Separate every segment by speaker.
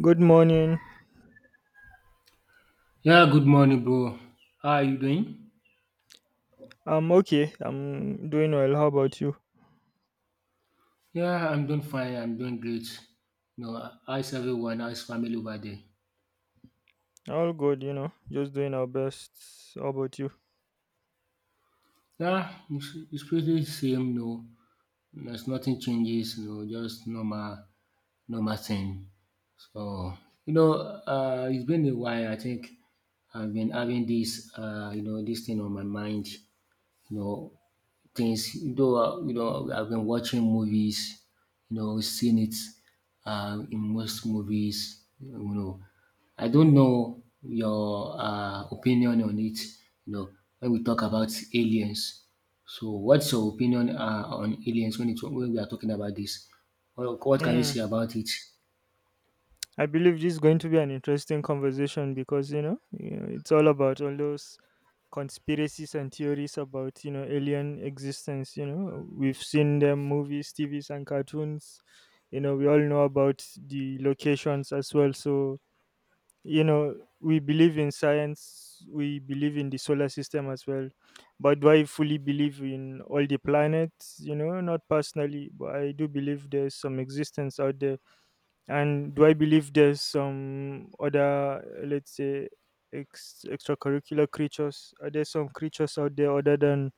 Speaker 1: Good morning.
Speaker 2: Yeah, good morning, bro. How are you doing?
Speaker 1: I'm okay. I'm doing well. How about you?
Speaker 2: Yeah, I'm doing fine. I'm doing great. You know, how's everyone? How's family over there?
Speaker 1: All good, you know, just doing our best. How about you?
Speaker 2: Yeah, it's pretty same. No, there's nothing changes. No, just normal, normal thing. So it's been a while. I think I've been having this thing on my mind. you know, Things though, you know, I've been watching movies, you know, seen it in most movies. You know, I don't know your opinion on it. You know, when we talk about aliens, so what's your opinion on aliens when it when we are talking about this? What can you
Speaker 1: Mm.
Speaker 2: say about it?
Speaker 1: I believe this is going to be an interesting conversation because, you know, it's all about all those conspiracies and theories about, you know, alien existence. You know, we've seen them movies, TVs, and cartoons. You know, we all know about the locations as well. So, you know, we believe in science. We believe in the solar system as well, but do I fully believe in all the planets? You know, not personally, but I do believe there's some existence out there. And do I believe there's some other, uh, let's say, extracurricular creatures? Are there some creatures out there other than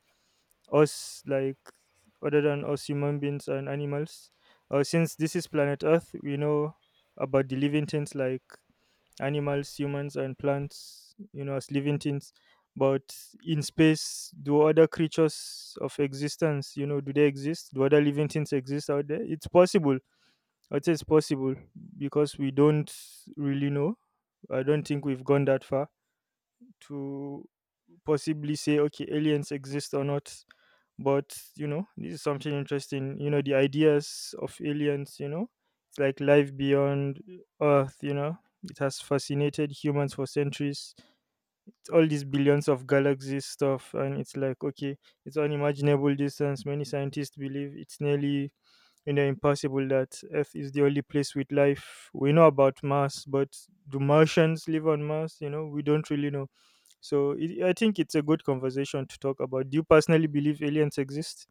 Speaker 1: us, like other than us human beings and animals? Since this is planet Earth, we know about the living things like animals, humans, and plants, you know, as living things. But in space, do other creatures of existence, you know, do they exist? Do other living things exist out there? It's possible. I'd say it's possible because we don't really know. I don't think we've gone that far to possibly say, okay, aliens exist or not. But you know, this is something interesting. You know, the ideas of aliens, you know, it's like life beyond Earth. You know, it has fascinated humans for centuries. All these billions of galaxies stuff, and it's like, okay, it's unimaginable distance. Many scientists believe it's nearly, you know, impossible that Earth is the only place with life. We know about Mars, but do Martians live on Mars? You know, we don't really know. So I think it's a good conversation to talk about. Do you personally believe aliens exist?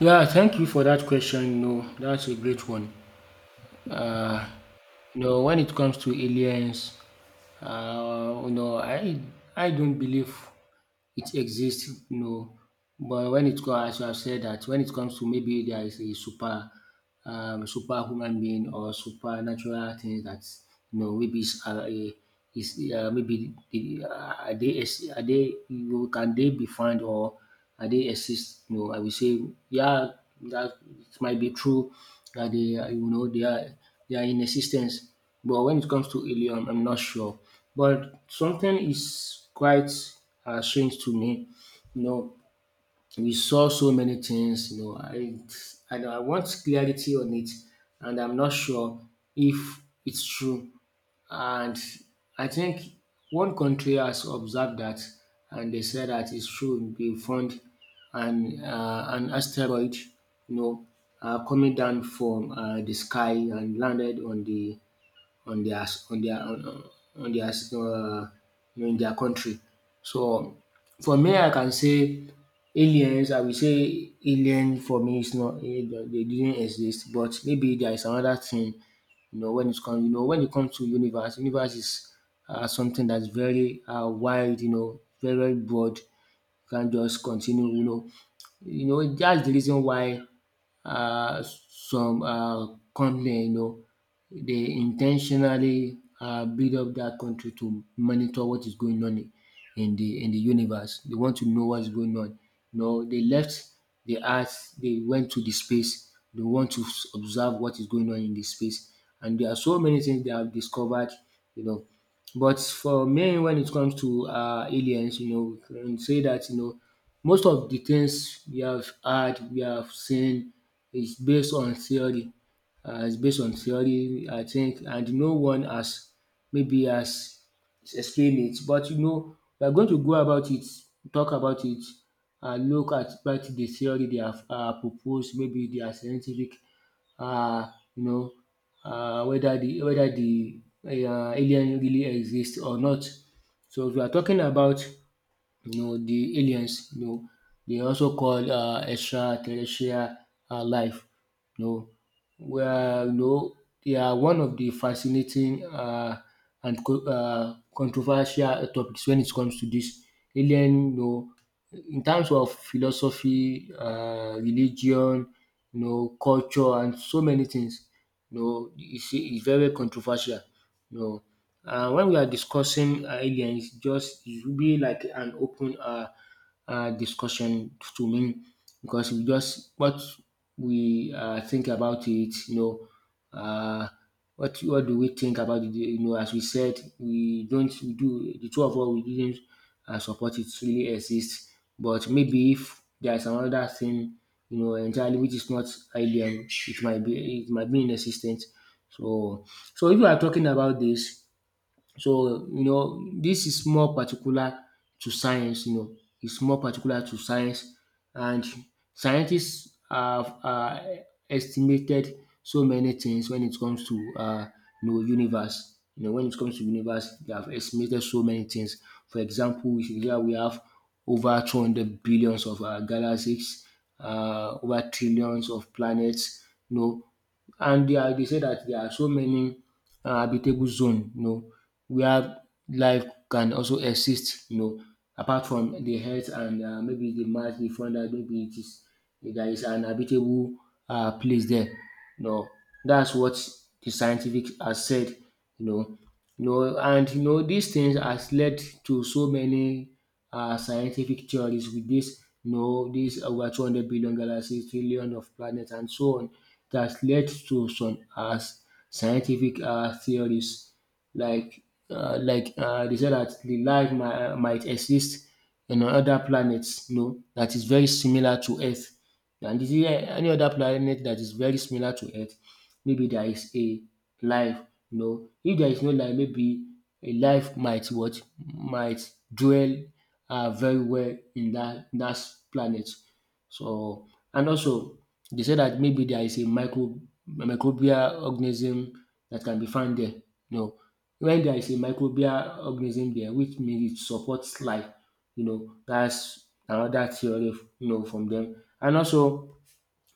Speaker 2: Yeah, thank you for that question. No, that's a great one. Uh, you know, when it comes to aliens, you know, I don't believe it exists. You know, but when it comes, as you have said that, when it comes to maybe there is a superhuman being or supernatural thing that you know maybe is a is maybe are they are they, you know, can they be found, or I they exist, you know, I will say yeah that it might be true that they are, you know, they are in exis, but when it comes to alien I'm not sure. But something is quite strange to me, you know, we saw so many things, you know, I know I want clarity on it, and I'm not sure if it's true. And I think one country has observed that, and they said that it's true, they found an asteroid, you know, coming down from the sky and landed on the on their on their on their in their country. So for me, I can say aliens. I will say alien for me is not they didn't exist, but maybe there is another thing. You know when it's come. You know when it comes to universe, universe is something that's very wide. You know, very very broad. You can't just continue. You know that's the reason why uh, some company, you know, they intentionally build up that country to monitor what is going on in the universe. They want to know what's going on. You know, they left the earth, they went to the space. They want to observe what is going on in the space, and there are so many things they have discovered. You know, but for me, when it comes to aliens, you know, we can say that you know most of the things we have heard, we have seen is based on theory, is based on theory I think, and no one has maybe has explained it, but you know we are going to go about it, talk about it, and look at what the theory they have proposed, maybe their scientific, um you know whether the alien really exist or not. So if we are talking about, you know, the aliens, you know, they also call extraterrestrial life. You know, well, no, they are one of the fascinating and controversial topics when it comes to this. Alien, you know, in terms of philosophy, religion, you know, culture, and so many things, you know, it's very controversial. You know, when we are discussing aliens, just it will be like an open discussion to me, because we just what we think about it, you know, uh, what what do we think about it? You know, as we said, we don't we do the two of us we didn't support it really exists, but maybe if there is another thing, you know, entirely which is not IBM, it might be inexistent. So so if you are talking about this so, you know, this is more particular to science, you know, it's more particular to science, and scientists have estimated so many things when it comes to, you know, universe. You know, when it comes to universe, they have estimated so many things. For example, we have over 200 billions of galaxies, over trillions of planets, you know, and they are they say that there are so many habitable zone, you know, where life can also exist, you know, apart from the earth and, maybe the Mars, the founder, maybe it is there is an habitable place there. You know, that's what the scientific has said, you know. You know, and you know, these things has led to so many scientific theories with this, you know, this over 200 billion galaxies, trillion of planets, and so on, that has led to some scientific theories like they said that the life might exist in other planets, you know, that is very similar to Earth. And is there any other planet that is very similar to Earth? Maybe there is a life, you know. If there is no light maybe a life might what might dwell very well in that in dat planet. So and also they say that maybe there is a microbial organism that can be found there, you know. When there is a microbial organism there, which means it supports life, you know. That's another theory, you know, from them. And also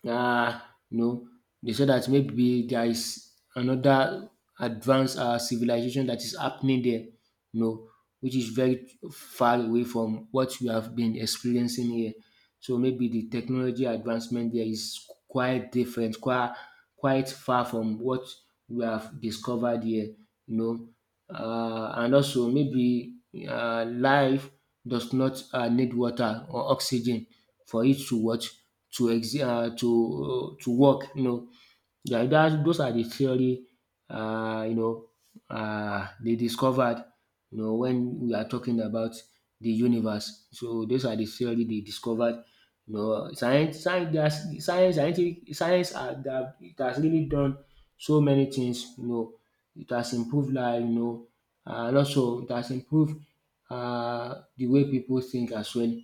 Speaker 2: uh, no, they said that maybe there is another advanced civilization that is happening there, no, which is very far away from what we have been experiencing here. So maybe the technology advancement there is quite different, quite far from what we have discovered here, you know. And also maybe life does not need water or oxygen for it to what? To to work, you know. Yeah, that those are the theory, uh, you know they discovered, you know, when we are talking about the universe. So those are the theory they discovered. You know, science, science, there's- science, scientific, science are, that it has really done so many things. You know, it has improved life. You know, and also it has improved the way people think as well.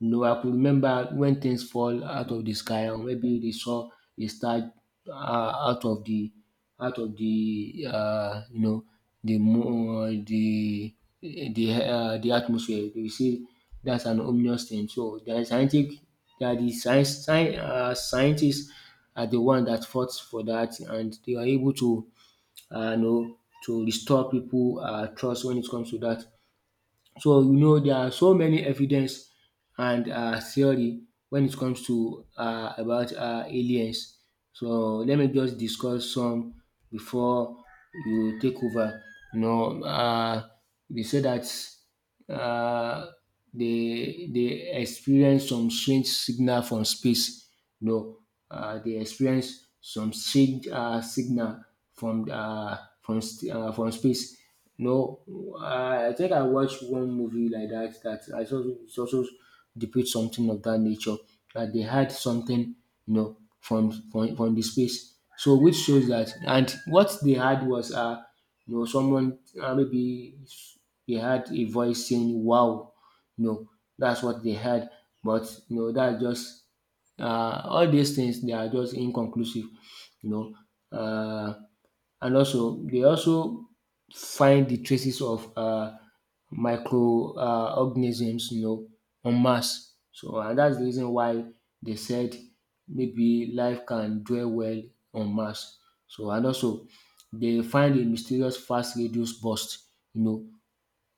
Speaker 2: No, I could remember when things fall out of the sky, or maybe they saw a star uh, out of the you know the moon, the atmosphere. You see, that's an ominous thing. So the scientific, that the scientists are the one that fought for that, and they are able to, you know, to restore people trust when it comes to that. So you know there are so many evidence and theory when it comes to about aliens. So let me just discuss some before you take over. You know, they say that um they dey experience some strange signal from space, you know, they experience some strange signal from, from space. You know, I think I watched one movie like that, that I saw it also depicts something of that nature, that they had something, you know, from the space. So which shows that and what they had was you know someone, maybe they had a voice saying wow, you know, that's what they had. But you know that's just all these things they are just inconclusive, you know. Uh, and also, they also find the traces of micro organisms, you know, on Mars. So and that's the reason why they said maybe life can dwell well on Mars. So and also they find a mysterious fast radio burst, you know,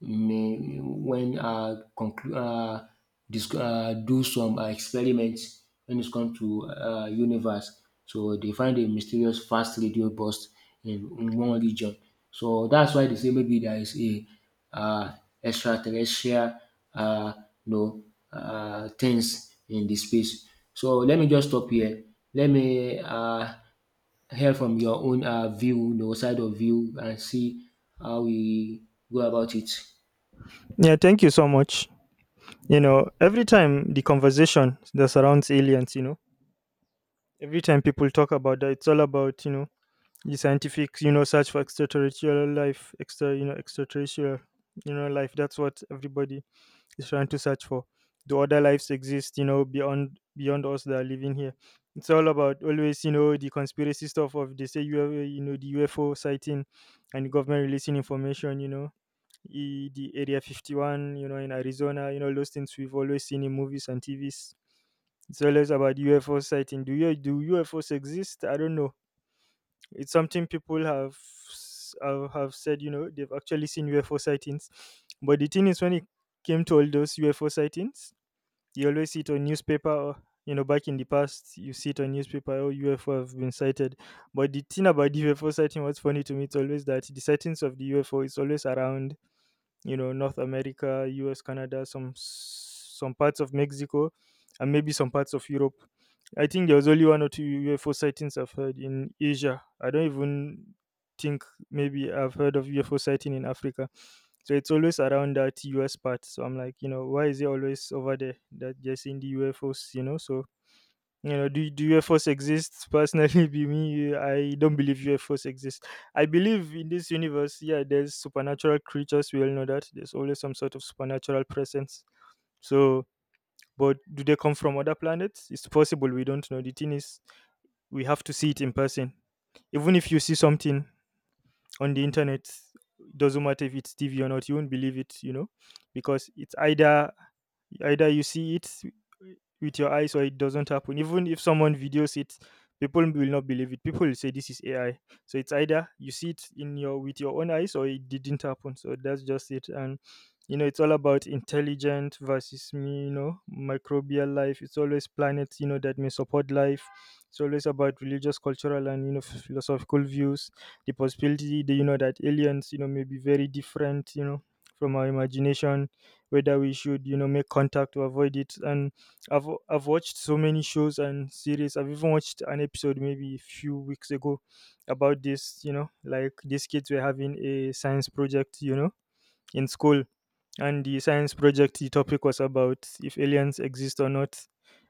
Speaker 2: may when do some experiments when it comes to universe. So they find a mysterious fast radio burst in one region. So that's why they say maybe there is a, uh, extraterrestrial, uh, you know, things in the space. So let me just stop here. Let me hear from your own view, you know, side of view, and see how we go about it.
Speaker 1: Yeah, thank you so much. You know, every time the conversation that surrounds aliens, you know, every time people talk about that, it's all about, you know, the scientific, you know, search for extraterrestrial life, extra, you know, extraterrestrial, you know, life. That's what everybody is trying to search for. Do other lives exist, you know, beyond us that are living here? It's all about always, you know, the conspiracy stuff of, they say you have, you know, the UFO sighting and the government releasing information, you know, the Area 51, you know, in Arizona, you know, those things we've always seen in movies and TVs. It's always about UFO sighting. Do UFOs exist? I don't know. It's something people have have said. You know, they've actually seen UFO sightings. But the thing is, when it came to all those UFO sightings, you always see it on newspaper. Or, you know, back in the past, you see it on newspaper. Oh, UFO have been sighted. But the thing about the UFO sighting, what's funny to me, it's always that the sightings of the UFO is always around, you know, North America, US, Canada, some parts of Mexico, and maybe some parts of Europe. I think there was only one or two UFO sightings I've heard in Asia. I don't even think, maybe I've heard of UFO sighting in Africa. So it's always around that US part. So I'm like, you know, why is it always over there that they're seeing the UFOs, you know? So, you know, do UFOs exist? Personally, be me, I don't believe UFOs exist. I believe in this universe. Yeah, there's supernatural creatures. We all know that there's always some sort of supernatural presence. So, but do they come from other planets? It's possible. We don't know. The thing is, we have to see it in person. Even if you see something on the internet, it doesn't matter if it's TV or not, you won't believe it. You know, because it's either you see it with your eyes, or it doesn't happen. Even if someone videos it, people will not believe it. People will say this is AI. So it's either you see it in your with your own eyes, or it didn't happen. So that's just it. And you know, it's all about intelligent versus me, you know, microbial life. It's always planets, you know, that may support life. It's always about religious, cultural, and you know, philosophical views, the possibility that, you know, that aliens, you know, may be very different, you know, from our imagination, whether we should, you know, make contact to avoid it. And I've watched so many shows and series. I've even watched an episode maybe a few weeks ago about this, you know, like these kids were having a science project, you know, in school. And the science project, the topic was about if aliens exist or not.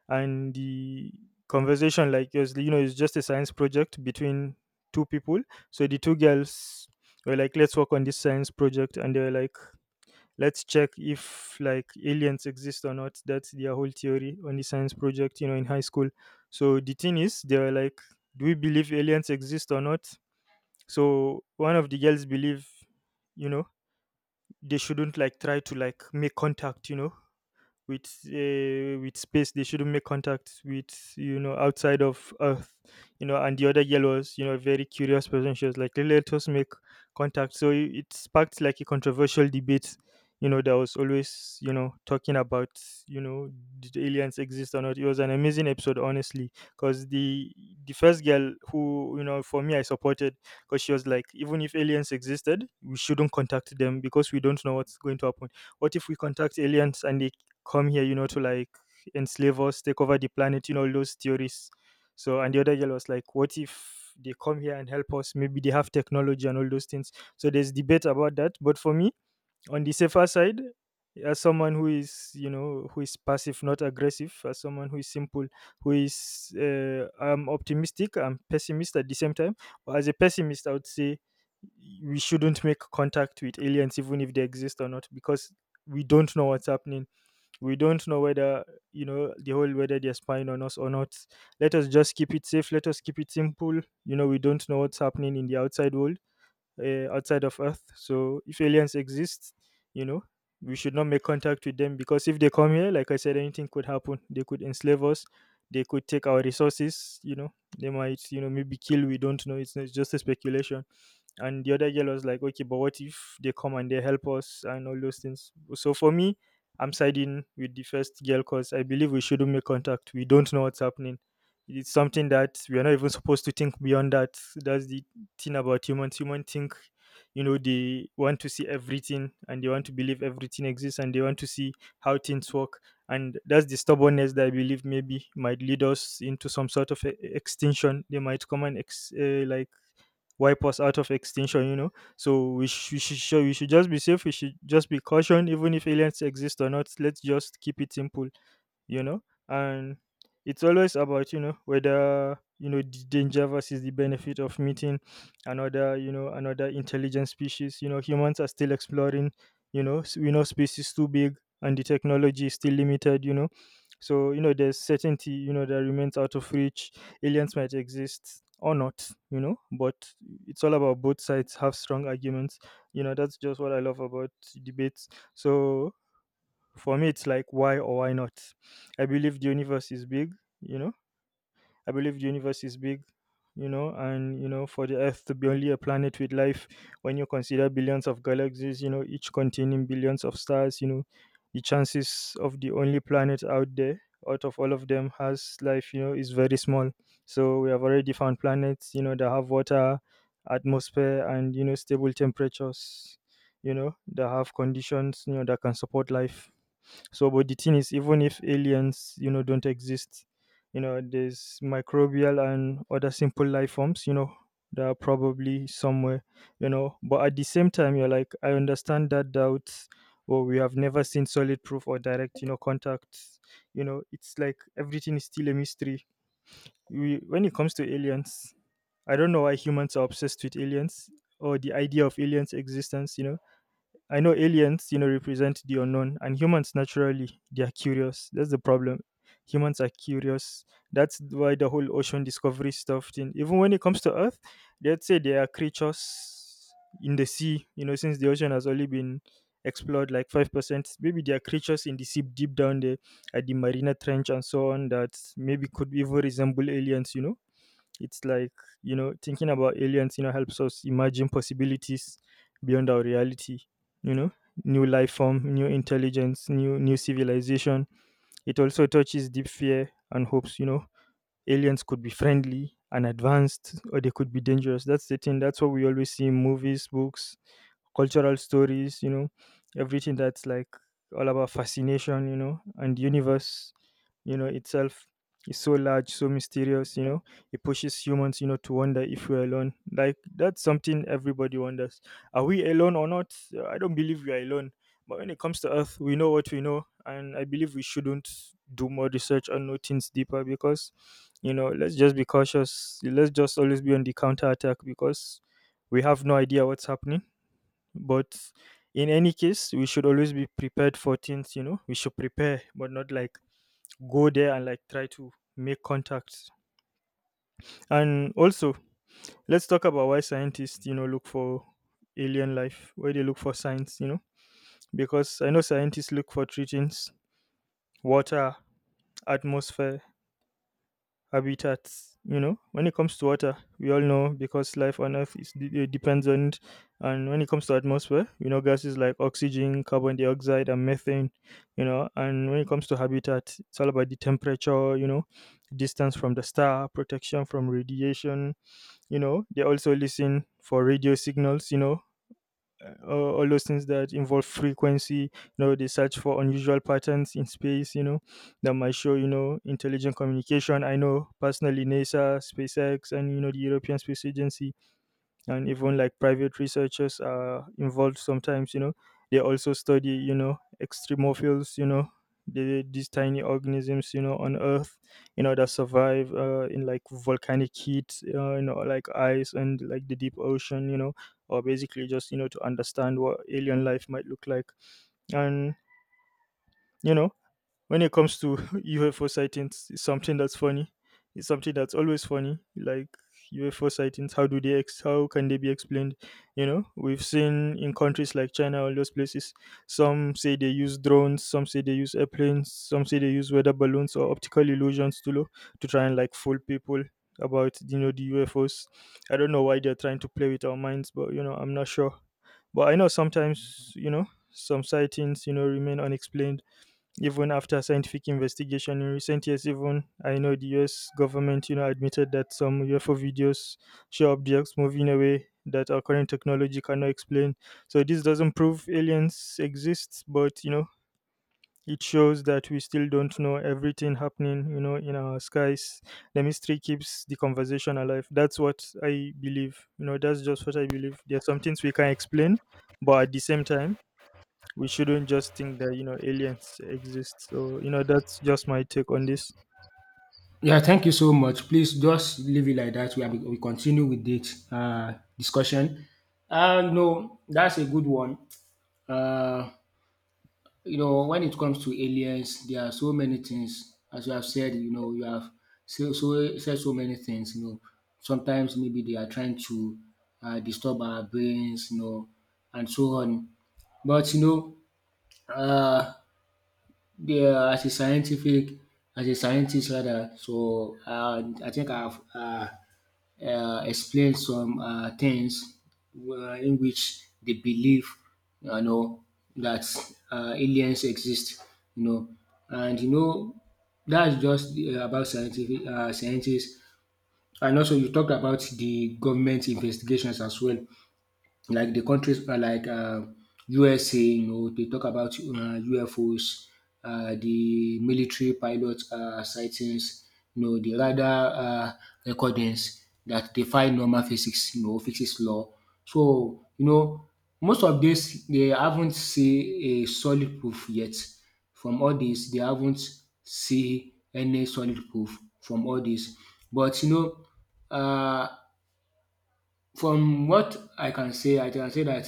Speaker 1: And the conversation, like it was, you know, it's just a science project between two people. So the two girls were like, let's work on this science project, and they were like, let's check if like aliens exist or not. That's their whole theory on the science project, you know, in high school. So the thing is, they were like, do we believe aliens exist or not? So one of the girls believe, you know, they shouldn't like try to like make contact, you know, with space. They shouldn't make contact with, you know, outside of Earth. You know, and the other girl was, you know, a very curious person. She was like, let us make contact. So it sparked like a controversial debate, you know, that was always, you know, talking about, you know, did aliens exist or not. It was an amazing episode, honestly, because the first girl, who, you know, for me, I supported, because she was like, even if aliens existed, we shouldn't contact them because we don't know what's going to happen. What if we contact aliens and they come here, you know, to like enslave us, take over the planet, you know, all those theories. So, and the other girl was like, what if they come here and help us? Maybe they have technology and all those things. So there's debate about that. But for me, on the safer side, as someone who is, you know, who is passive, not aggressive, as someone who is simple, who is, I'm optimistic, I'm pessimist at the same time. But as a pessimist, I would say we shouldn't make contact with aliens, even if they exist or not, because we don't know what's happening. We don't know whether, you know, the whole whether they're spying on us or not. Let us just keep it safe. Let us keep it simple. You know, we don't know what's happening in the outside world, outside of Earth. So if aliens exist, you know, we should not make contact with them, because if they come here, like I said, anything could happen. They could enslave us. They could take our resources. You know, they might, you know, maybe kill. We don't know. It's just a speculation. And the other girl was like, okay, but what if they come and they help us and all those things? So for me, I'm siding with the first girl because I believe we shouldn't make contact. We don't know what's happening. It's something that we are not even supposed to think beyond that. That's the thing about humans. Humans think, you know, they want to see everything, and they want to believe everything exists, and they want to see how things work. And that's the stubbornness that I believe maybe might lead us into some sort of extinction. They might come and like wipe us out of extinction, you know. So we should just be safe. We should just be cautioned even if aliens exist or not. Let's just keep it simple, you know. And it's always about, you know, whether, you know, the danger versus the benefit of meeting another, you know, another intelligent species. You know, humans are still exploring, you know. We know space is too big, and the technology is still limited, you know. So you know there's certainty, you know, that remains out of reach. Aliens might exist or not, you know, but it's all about, both sides have strong arguments, you know. That's just what I love about debates. So for me, it's like, why or why not? I believe the universe is big, you know. I believe the universe is big, you know, and you know, for the Earth to be only a planet with life, when you consider billions of galaxies, you know, each containing billions of stars, you know, the chances of the only planet out there out of all of them has life, you know, is very small. So we have already found planets that have water, atmosphere, and stable temperatures that have conditions that can support life, so. But the thing is, even if aliens don't exist there's microbial and other simple life forms that are probably somewhere. But at the same time, you're like, I understand that doubt, or we have never seen solid proof or direct contact. It's like everything is still a mystery. When it comes to aliens, I don't know why humans are obsessed with aliens or the idea of aliens' existence. I know aliens represent the unknown, and humans naturally they are curious. That's the problem. Humans are curious. That's why the whole ocean discovery stuff thing. Even when it comes to Earth, they'd say there are creatures in the sea. Since the ocean has only been explored like 5%, maybe there are creatures in the sea deep down there at the Marina Trench and so on that maybe could even resemble aliens. You know it's like, you know, thinking about aliens helps us imagine possibilities beyond our reality, you know, new life form, new intelligence, new civilization. It also touches deep fear and hopes. Aliens could be friendly and advanced, or they could be dangerous. That's the thing. That's what we always see in movies, books, cultural stories everything that's like all about fascination and the universe itself is so large, so mysterious it pushes humans to wonder if we're alone. Like, that's something everybody wonders. Are we alone or not? I don't believe we are alone. But when it comes to Earth, we know what we know, and I believe we shouldn't do more research and know things deeper because let's just be cautious. Let's just always be on the counter attack because we have no idea what's happening. But in any case, we should always be prepared for things. We should prepare, but not like go there and like try to make contacts. And also, let's talk about why scientists look for alien life, why they look for signs because I know scientists look for three things: water, atmosphere, habitats. When it comes to water, we all know, because life on earth depends on it. And when it comes to atmosphere, gases like oxygen, carbon dioxide and methane. And when it comes to habitat, it's all about the temperature, distance from the star, protection from radiation. They also listen for radio signals. All those things that involve frequency. They search for unusual patterns in space that might show intelligent communication. I know personally NASA, SpaceX and the European Space Agency and even like private researchers are involved sometimes. They also study extremophils, these tiny organisms on earth that survive in like volcanic heat, like ice and like the deep ocean, or basically just to understand what alien life might look like. And you know when it comes to UFO sightings, it's something that's funny. It's something that's always funny. Like, UFO sightings, how do how can they be explained? We've seen in countries like China, all those places. Some say they use drones, some say they use airplanes, some say they use weather balloons or optical illusions to try and like fool people about the UFOs. I don't know why they're trying to play with our minds, but I'm not sure. But I know sometimes, some sightings remain unexplained even after scientific investigation. In recent years, even, I know the US government admitted that some UFO videos show objects moving away that our current technology cannot explain. So this doesn't prove aliens exist, but it shows that we still don't know everything happening in our skies. The mystery keeps the conversation alive. That's what I believe. That's just what I believe. There are some things we can explain, but at the same time, we shouldn't just think that aliens exist. So that's just my take on this.
Speaker 2: Yeah, thank you so much. Please just leave it like that. We continue with this discussion. No, that's a good one. Uh, you know, when it comes to aliens, there are so many things. As you have said, you know, you have said so many things. You know, sometimes maybe they are trying to disturb our brains, you know, and so on. But you know, uh, they are as a scientific, as a scientist rather. So I think I've. Explain some things in which they believe, you know, that aliens exist, you know, and that's just about scientific scientists. And also, you talked about the government investigations as well, like the countries like USA, you know, they talk about UFOs, the military pilot sightings, you know, the radar recordings that defy normal physics, you know, physics law. So, you know, most of this, they haven't seen a solid proof yet. From all this, they haven't seen any solid proof from all this. But uh, from what I can say that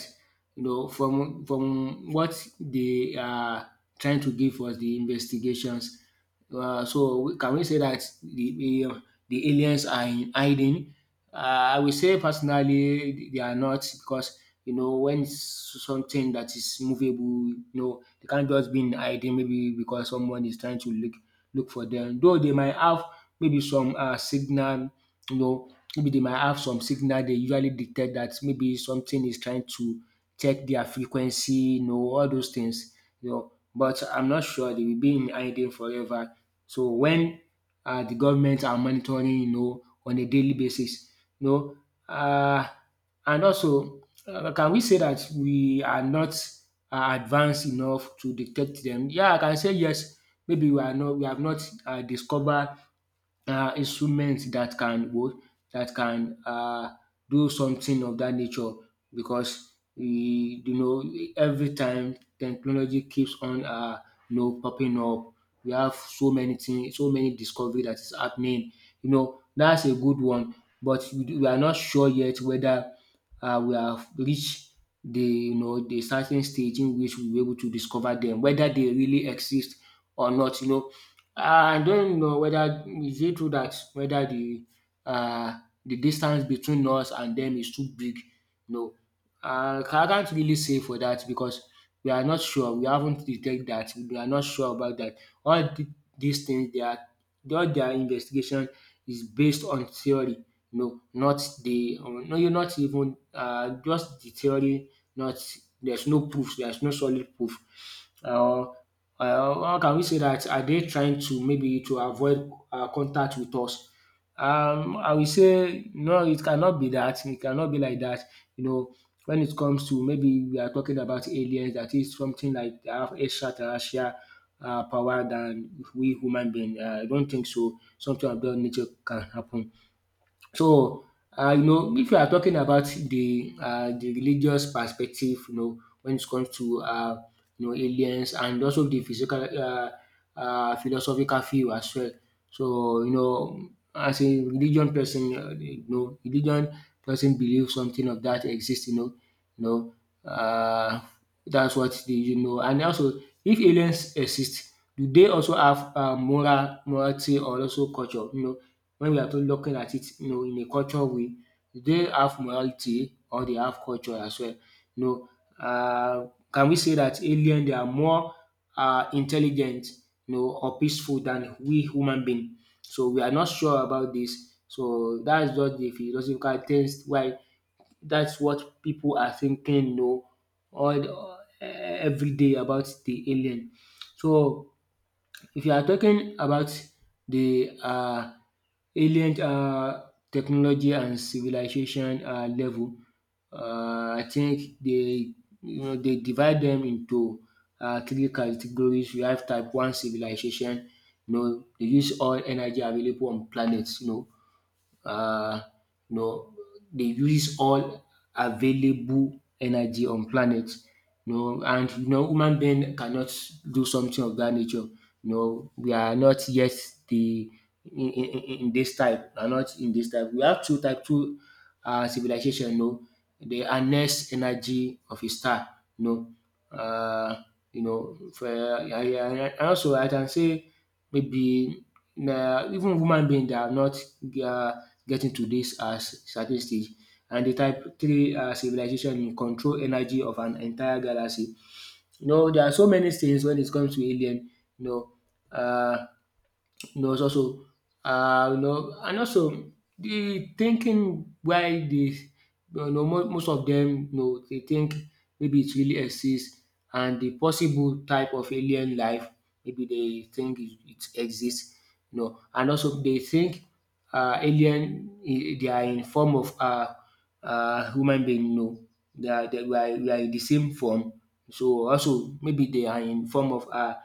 Speaker 2: from what they are trying to give us, the investigations. So can we say that the the aliens are in hiding? I will say personally they are not, because you know when something that is movable, you know, they can't just be in hiding maybe because someone is trying to look for them. Though they might have maybe some signal, you know. Maybe they might have some signal they usually detect, that maybe something is trying to check their frequency, you know, all those things, you know. But I'm not sure they will be in hiding forever. So when the government are monitoring, you know, on a daily basis, you know, uh, and also can we say that we are not advanced enough to detect them? Yeah, I can say yes. Maybe we are not, we have not discovered instruments that can what, that can do something of that nature, because we, you know, every time technology keeps on you know popping up. We have so many things, so many discovery that is happening, you know, that's a good one. But we are not sure yet whether we have reached the, you know, the certain stage in which we were able to discover them, whether they really exist or not, you know. I don't know whether is it true that whether uh, the distance between us and them is too big. No, I can't really say for that, because we are not sure. We haven't detected that. We are not sure about that. All th- these things, they are, all their investigation is based on theory. No, not the no, you are not even, uh, just the theory, not, there's no proof, there's no solid proof. Or how can we say that, are they trying to maybe to avoid, um, contact with us? I will say no, it cannot be that, it cannot be like that. You know, when it comes to, maybe we are talking about aliens that is something like they have extraterrestrial power than we human being. I don't think so something of that nature can happen. So, you know, if you are talking about the religious perspective, you know, when it comes to, um, you know, aliens, and also the physical, um, philosophical view as well. So you know, as a religion person, um, you know, religion person believes something of that exists. You know, you know, um, that's what they, you know. And also, if aliens exist, do they also have, um, morality or also culture? You know, when we are to looking at it, you know, in a culture way, do they have morality or they have culture as well? You know, can we say that alien, they are more intelligent, you know, or peaceful than we human being? So we are not sure about this. So that's just the philosophical test why, that's what people are thinking, you know, every day about the alien. So if you are talking about the alien technology and civilization level, I think they, you know, they divide them into three categories. We have type one civilization, you know, they use all energy available on planets, you know, uh, you know, they use all available energy on planet. You know, and you know, human being cannot do something of that nature. You know, we are not yet the, in this type. We are not in this type. We have two type two civilization, you know, they harness energy of a star, you know. Uh, yeah, yeah. I also, I can say maybe even human beings, they are not uh, getting to this certain stage. And the type three civilization in control energy of an entire galaxy. You know, there are so many things when it comes to alien. You know, uh, knows also and also the thinking why the, you know, most of them, you know, dey think maybe it really exists, and the possible type of alien life, maybe they think it, it exist, you know. And also they think alien in, they are in form of, um, human being, you know. They are, they, we are in the same form, so also maybe they are in form of, um,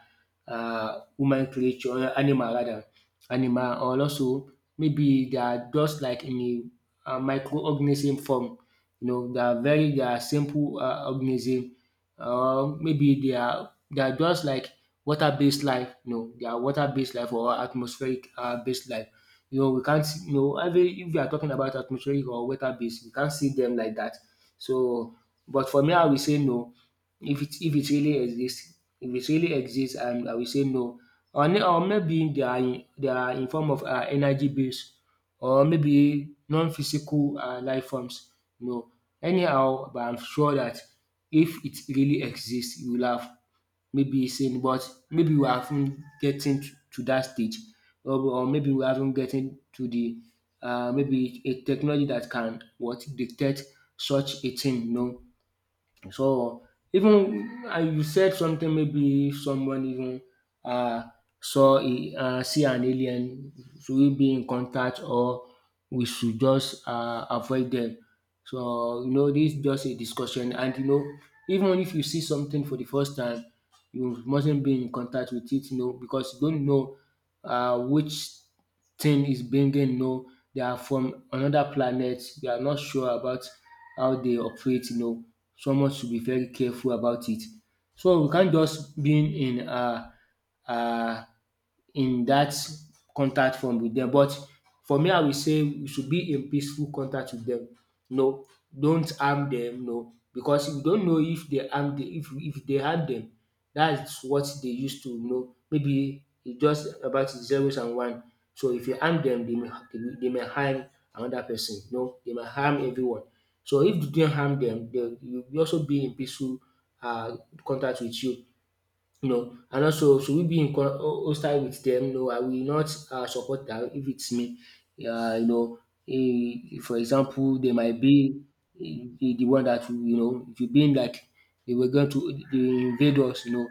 Speaker 2: human creature, animal rather, animal, or also maybe they are just like in a microorganism form. You know, they are very, they are simple organism, or maybe they are just like water-based life. You know, they are water-based life, or atmospheric based life. You know, we can't see- you know, every, if you are talking about atmospheric or water-based, we can't see them like that. So, but for me, I will say no. If it really exists, um, I will say no. Or or maybe they are in, they are in form of, um, energy base, or maybe non-physical, um, life forms. No, anyhow, but I'm sure that if it really exists, you will have maybe seen. But maybe we haven't getting to dat stage, or maybe we haven't getting to the, maybe a technology that can what detect such a thing. No. So even, and you said something, maybe someone even, um, saw a, um, see an alien, should we be in contact, or we should just, um, avoid them? So you know, dis just a discussion, and you know, even if you see something for the first time, you mustn't be in contact with it, you know, because you don't know, um, which thing is bringing, no, they are from another planet, we are not sure about how they operate, you know, someone should be very careful about it. So we can't just being in, um, in that contact form with them. But for me, I will say we should be in peaceful contact with them. No, don't harm them. No, because we don't know, if they harm the, if they harm them, that's what they used to know. Maybe it's just about zeros and one. So if you harm them, they may, they may harm another person. No, they may harm everyone. So if you do not harm them, they will also be in peaceful uh contact with you, you know. And also, should we be in hostile with them? No, I will not support that, if it's me. You know, eh, for example, they might be, eh, the one that will, you know, if you being like they were going to, they invade us, you know,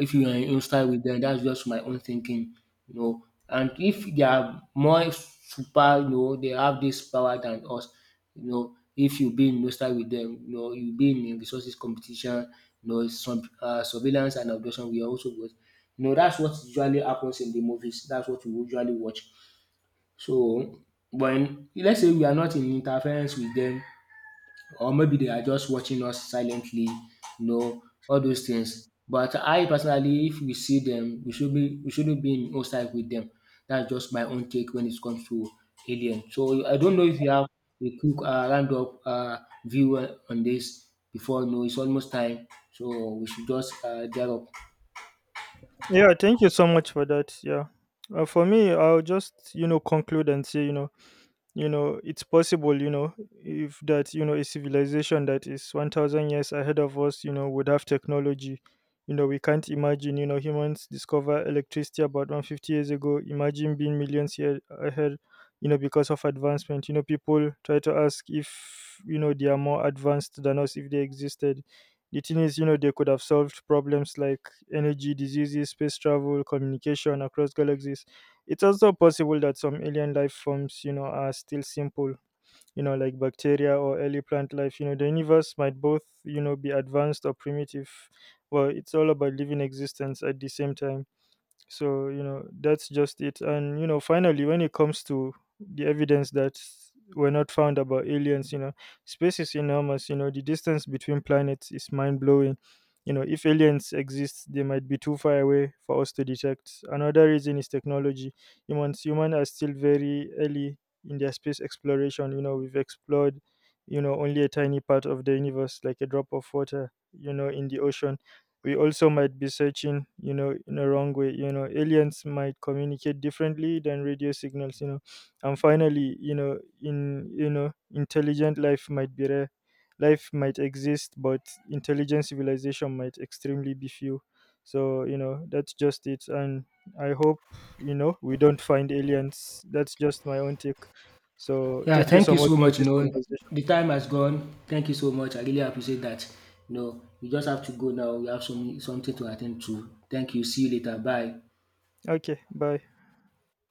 Speaker 2: if you are in style with them, that's just my own thinking, you know. And if they are more super, you know, they have this power than us, you know. If you be in no style with them, you know, you be in resources competition, you know, some surveillance and abduction. We are also good, you know. That's what usually happens in the movies. That's what we usually watch. So, when, let's say we are not in interference with them, or maybe they are just watching us silently, you know, all those things. But I personally, if we see them, we shouldn't be in hostile with them. That's just my own take when it comes to alien. So I don't know if you have a quick roundup view on this, before, you know, it's almost time. So we should just get up.
Speaker 1: Yeah, thank you so much for that. Yeah. For me, I'll just conclude and say. It's possible, if that you know a civilization that is 1,000 years ahead of us, would have technology we can't imagine. Humans discover electricity about 150 years ago. Imagine being millions years ahead. Because of advancement, people try to ask if, they are more advanced than us. If they existed, the thing is, they could have solved problems like energy, diseases, space travel, communication across galaxies. It's also possible that some alien life forms are still simple like bacteria or early plant life. The universe might both be advanced or primitive. Well, it's all about living existence at the same time. So that's just it. And finally, when it comes to the evidence that were not found about aliens. Space is enormous. The distance between planets is mind blowing. If aliens exist, they might be too far away for us to detect. Another reason is technology. Humans are still very early in their space exploration. We've explored only a tiny part of the universe, like a drop of water in the ocean. We also might be searching in a wrong way. Aliens might communicate differently than radio signals. And finally, in you know intelligent life might be rare. Life might exist, but intelligent civilization might extremely be few. So that's just it. And I hope we don't find aliens. That's just my own take. So
Speaker 2: Yeah,
Speaker 1: thank you
Speaker 2: thank
Speaker 1: so
Speaker 2: you
Speaker 1: much
Speaker 2: so
Speaker 1: for
Speaker 2: much. You
Speaker 1: this
Speaker 2: know,
Speaker 1: conversation.
Speaker 2: the time has gone. Thank you so much. I really appreciate that. You know, we just have to go now. We have some something to attend to. Thank you. See you later. Bye.
Speaker 1: Okay, bye.